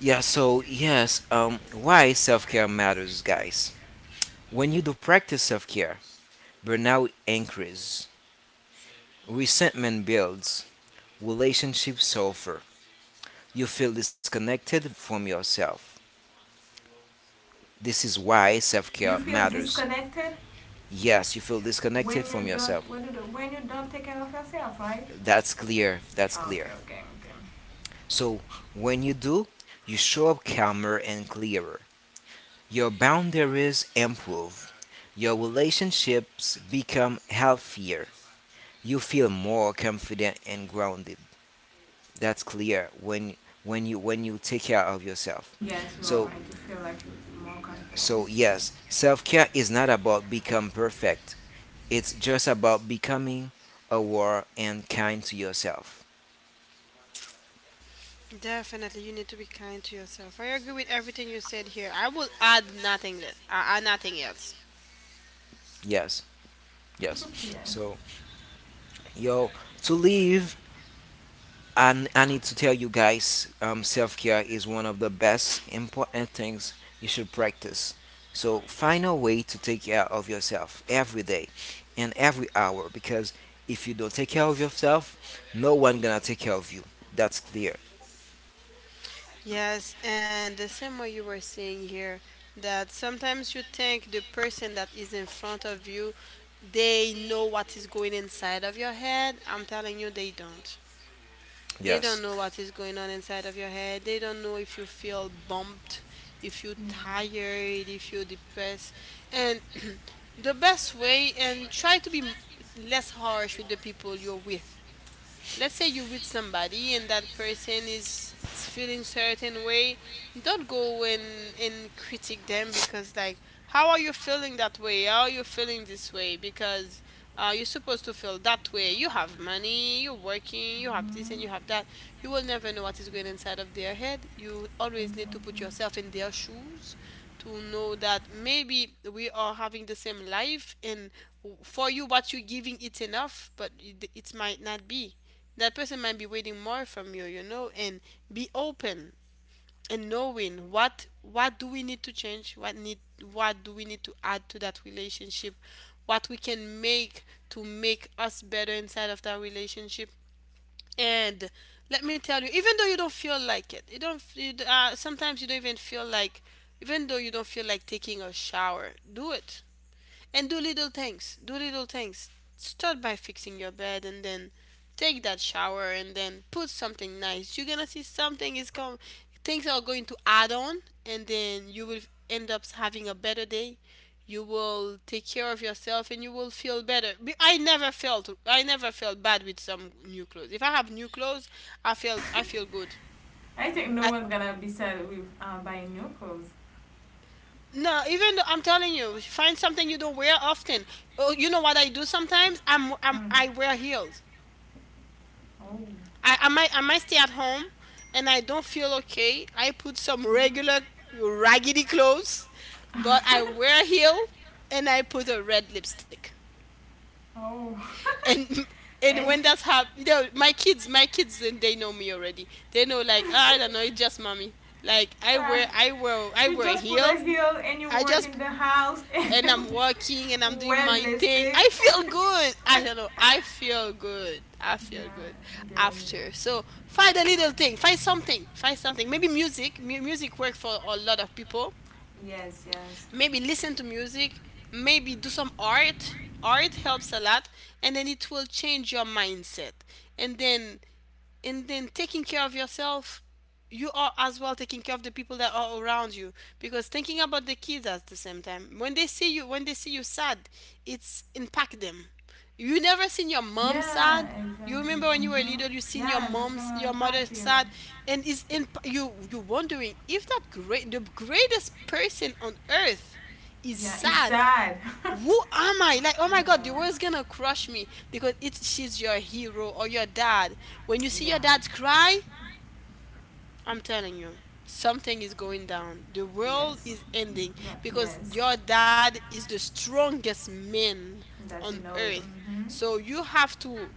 Yeah, so yes, why self care matters, guys. When you do practice self care, burnout increases, resentment builds, relationships suffer, you feel disconnected from yourself. This is why self care You feel matters. disconnected Yes, you feel when disconnected you from yourself. don't when you don't take care of yourself, right? That's clear. That's Oh, okay. clear. Okay. Okay. So when you do, you show up calmer and clearer. Your boundaries improve. Your relationships become healthier. You feel more confident and grounded. That's clear when when you take care of yourself. Yes, you are So right. You feel like you more so confidence. yes, Yes. self-care is not about become perfect. It's just about becoming aware and kind to yourself. Definitely, you need to be kind to yourself. I agree with everything you said here. I will add nothing less, nothing else. Yes. Yes. Yes. So, yo, to live. And I need to tell you guys, self care is one of the best important things you should practice. So find a way to take care of yourself every day and every hour because if you don't take care of yourself, no one gonna take care of you. That's clear. Yes, and the same way you were saying here, that sometimes you think the person that is in front of you, they know what is going inside of your head. I'm telling you, they don't. They don't Yes. know what is going on inside of your head. They don't know if you feel bumped, if you're Yeah. tired, if you're depressed. And the best way, and try to be less harsh with the people you're with. Let's say you with somebody and that person is feeling certain way, don't go and critique them because, like, how are you feeling that way, how are you feeling this way, because you're supposed to feel that way, you have money, you're working, you have this and you have that. You will never know what is going inside of their head. You I always need to so. put yourself in their shoes to know that maybe we are having the same life, and for you what you're giving, it's enough, but it might not be. That person might be waiting more from you, you know. And be open, and knowing what do we need to change, what need, what do we need to add to that relationship, what we can make to make us better inside of that relationship. And let me tell you, even though you don't feel like it, you don't you, sometimes you don't even feel like, even though you don't feel like taking a shower, do it. And do little things. Do little things. Start by fixing your bed and then take that shower and then put something nice. You're gonna see something is come, things are going to add on, and then you will end up having a better day. You will take care of yourself and you will feel better. I never felt bad with some new clothes. If I have new clothes, I feel, I feel good. I think no I, one's gonna be sad with buying new clothes. No, even though, I'm telling you, find something you don't wear often. Oh, you know what I do sometimes? Mm. I wear heels. Oh. I might, I might stay at home, and I don't feel okay. I put some regular raggedy clothes, but I wear heel, and I put a red lipstick. Oh. And and Yeah. when that's happened, you know, my kids, and they know me already. They know like, "Ah, I don't know, it's just mommy. Like I wear, I You wear just put a heels. heel and you I work just, in the house and you and put I'm working and I'm doing wet my thing. I lipstick. feel good. I don't know. I feel good. I Yeah, feel good I get after. it. So find a little thing. Find something. Find something. Maybe music. Music works for a lot of people. Yes, yes. Maybe listen to music. Maybe do some art. Art helps a lot, and then it will change your mindset. And then, and then, taking care of yourself, you are as well taking care of the people that are around you, because thinking about the kids at the same time, when they see you, when they see you sad, it's impact them. You never seen your mom sad. Yeah, You exactly. remember when you were Mm-hmm. little you seen Yeah, that's gonna your mother impact you. sad, and is in you, you wondering if that great, the greatest person on earth is Yeah, it's sad, sad. Yeah. who am I? Like, oh my God, the world's gonna crush me, because it's, she's your hero, or your dad. When you see Yeah, your dad cry, I'm telling you, something is going down. The world yes. is ending Yeah, because yes. your dad is the strongest man That on you know. earth. Hmm. So you have to,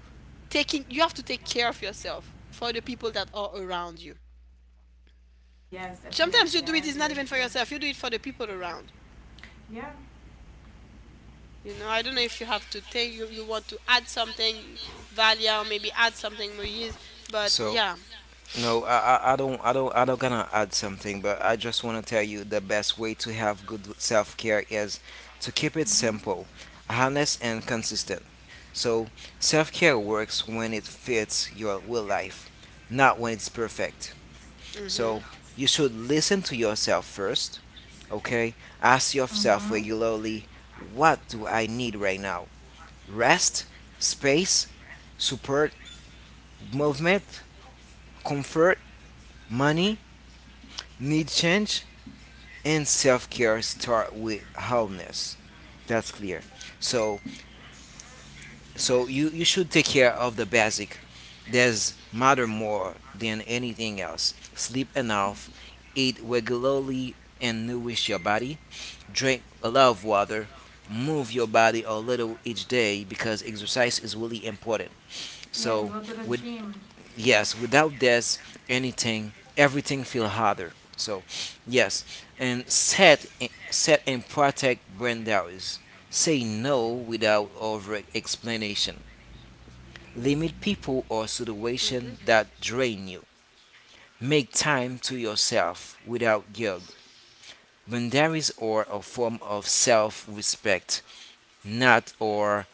taking you have to take care of yourself for the people that are around you. Yes, Sometimes you definitely. do I it, is agree not even with for you. yourself, you do it for the people around. Yeah. You know, I don't know if you have to take, you want to add something, Valia, or maybe add something Moise, but So yeah. no, I don't gonna add something, but I just wanna tell you the best way to have good self care is to keep it simple, honest and consistent. So self care works when it fits your real life, not when it's perfect. Mhm. So you should listen to yourself first, okay? Ask yourself Mm-hmm. regularly, what do I need right now? Rest, space, support, movement, comfort, money, need change, and self-care start with wholeness. That's clear. So so you should take care of the basic that's matter more than anything else. Sleep enough, eat regularly and nourish your body, drink a lot of water, move your body a little each day because exercise is really important. Yes, go So to the with, gym. yes, without this, anything, everything feel harder. So yes, and set and protect boundaries. Say no without over explanation, limit people or Mhm. situation that drain you, make time to yourself without guilt. Boundaries are a form of self-respect, not, or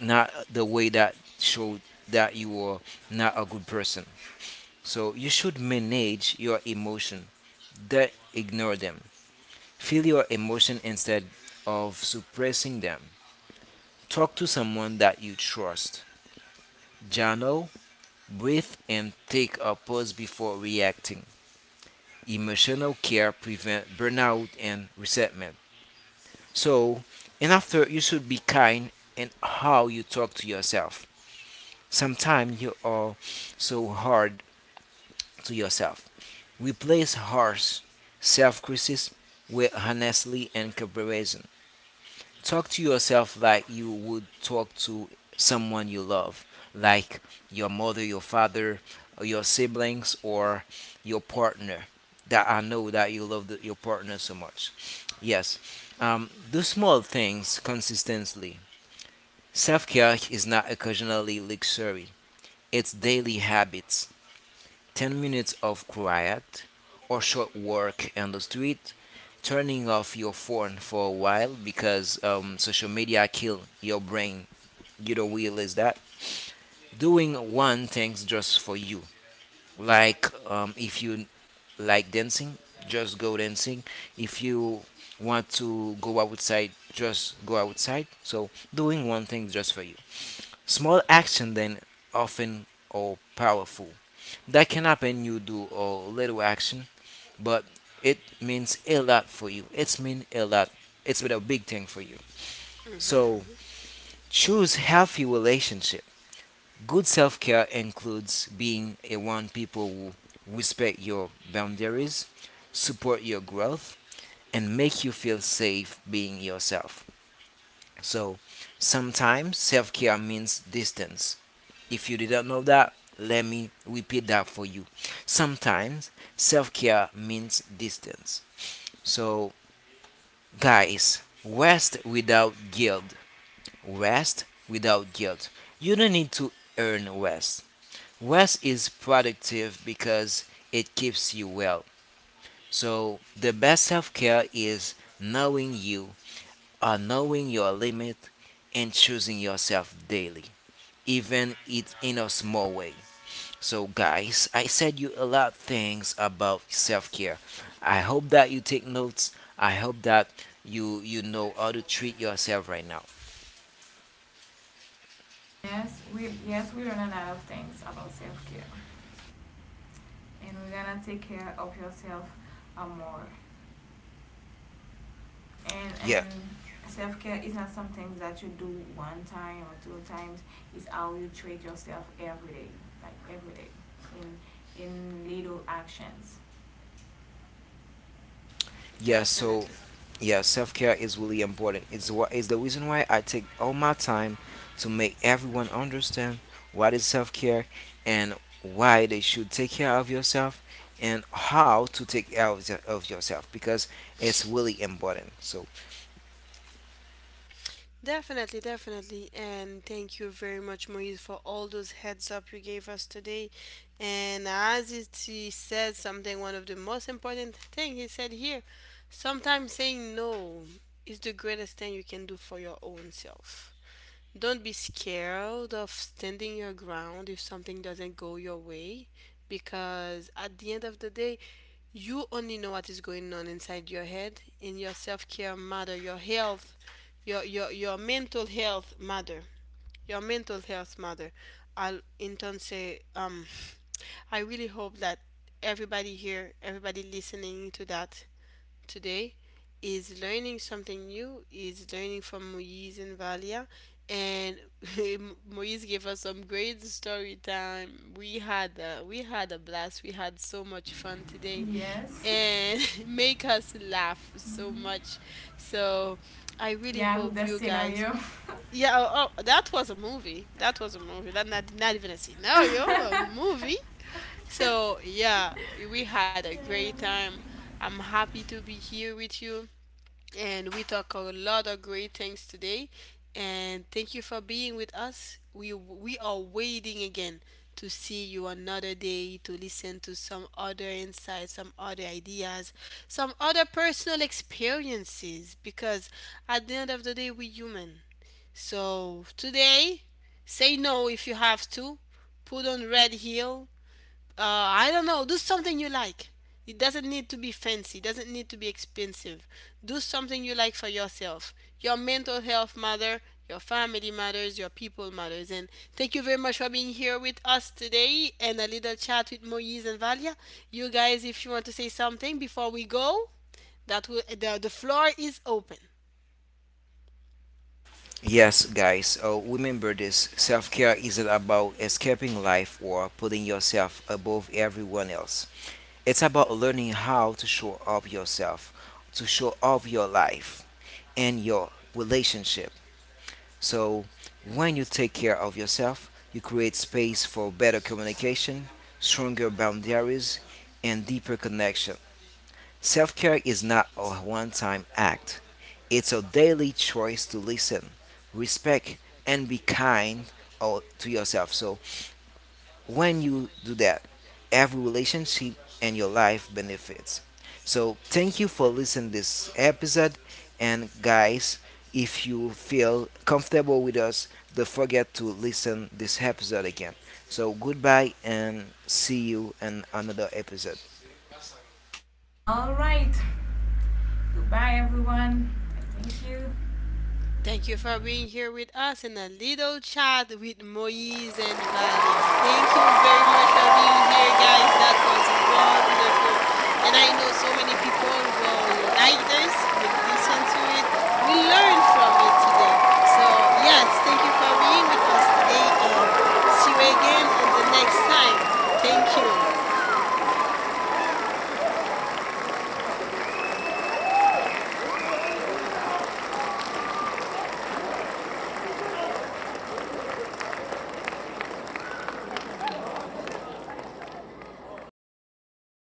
not, the way that showed that you are not a good person. So you should manage your emotion. They ignore them. Feel your emotion instead of suppressing them. Talk to someone that you trust. Journal, breathe, and take a pause before reacting. Emotional care prevents burnout and resentment. So, and after, you should be kind in how you talk to yourself. Sometimes you are so hard to yourself. Replace harsh self criticism with honestly and comparison. Talk to yourself like you would talk to someone you love, like your mother, your father, or your siblings, or your partner. That I know that you love the, your partner so much. Yes, do small things consistently. Self care is not occasionally luxury, it's daily habits. 10 minutes of quiet or short work on the street, turning off your phone for a while because social media kill your brain. You don't realize that. Doing one thing's just for you. Like if you like dancing, just go dancing. If you want to go outside, just go outside. So doing one thing just for you. Small action then often or powerful. That can happen you do a little action but it means a lot for you. It's mean a lot. It's been a big thing for you. Mhm. So Mhm. choose healthy relationship. Good self care includes being around people who respect your boundaries, support your growth, and make you feel safe being yourself. So sometimes self care means distance. If you didn't know that, let me repeat that for you. Sometimes self care means distance. So guys, rest without guilt. Rest without guilt. You don't need to earn rest. Rest is productive because it keeps you well. So, the best self care is knowing you, or knowing your limit, and choosing yourself daily, even it in a small way. So, guys, I said you a lot things about self-care. I hope that you take notes. I hope that you know how to treat yourself right now. Yes we learn a lot of things about self care, and we're gonna take care of yourself more. and Yeah, and self care is not something that you do one time or two times. It's how you treat yourself every day, like every day, in little actions. yeah. So, Definitely. yeah, self-care is really important. It's what is the reason why I take all my time to make everyone understand what is self-care and why they should take care of yourself and how to take care of, your- of yourself because it's really important. So, Definitely, definitely. And thank you very much Moise for all those heads up you gave us today. And as he said, something, one of the most important thing he said here, sometimes saying no is the greatest thing you can do for your own self. Don't be scared of standing your ground if something doesn't go your way, because at the end of the day, you only know what is going on inside your head, and your self care matter. Your health, your your mental health matter. Your mental health matter. I'll in turn say, I really hope that everybody here, everybody listening to that, today is learning something new, is learning from Moise and Valia. And Moise gave us some great story time. We had a blast. We had so much fun today, Yes. and make us laugh so much. So I really Yeah, with hope the you guys, scenario. yeah, oh, oh, that was a movie. That was a movie. That not, not even a scene. No, yo, a movie. So, yeah, we had a great Yeah. time. I'm happy to be here with you. And we talk a lot of great things today. And thank you for being with us. We are waiting again to see you another day, to listen to some other insights, some other ideas, some other personal experiences. Because at the end of the day, we're human. So today, say no if you have to. Put on red heel, I don't know, do something you like. It doesn't need to be fancy, doesn't need to be expensive. Do something you like for yourself. Your mental health matters, your family matters, your people matters. And thank you very much for being here with us today and a little chat with Moise and Valia. You guys, if you want to say something before we go, the floor is open. yes, guys, remember this self care isn't about escaping life or putting yourself above everyone else. It's about learning how to show up yourself, to show up your life and your relationship. So, when you take care of yourself, you create space for better communication, stronger boundaries, and deeper connection. Self care is not a one time act, it's a daily choice to listen, respect, and be kind o- to yourself. So, when you do that, every relationship and your life benefits. So, thank you for listening this episode. And, guys, if you feel comfortable with us, don't forget to listen this episode again. So, goodbye and see you in another episode. All right. Goodbye, everyone. Thank you. Thank you for being here with us in a little chat with Moise and Valia. Thank you very much for being here, guys. That was wonderful. And I know so many people will like this, will listen to it, will learn from it today. So, yes, thank you for being with us today and see you again at the next time. Thank you.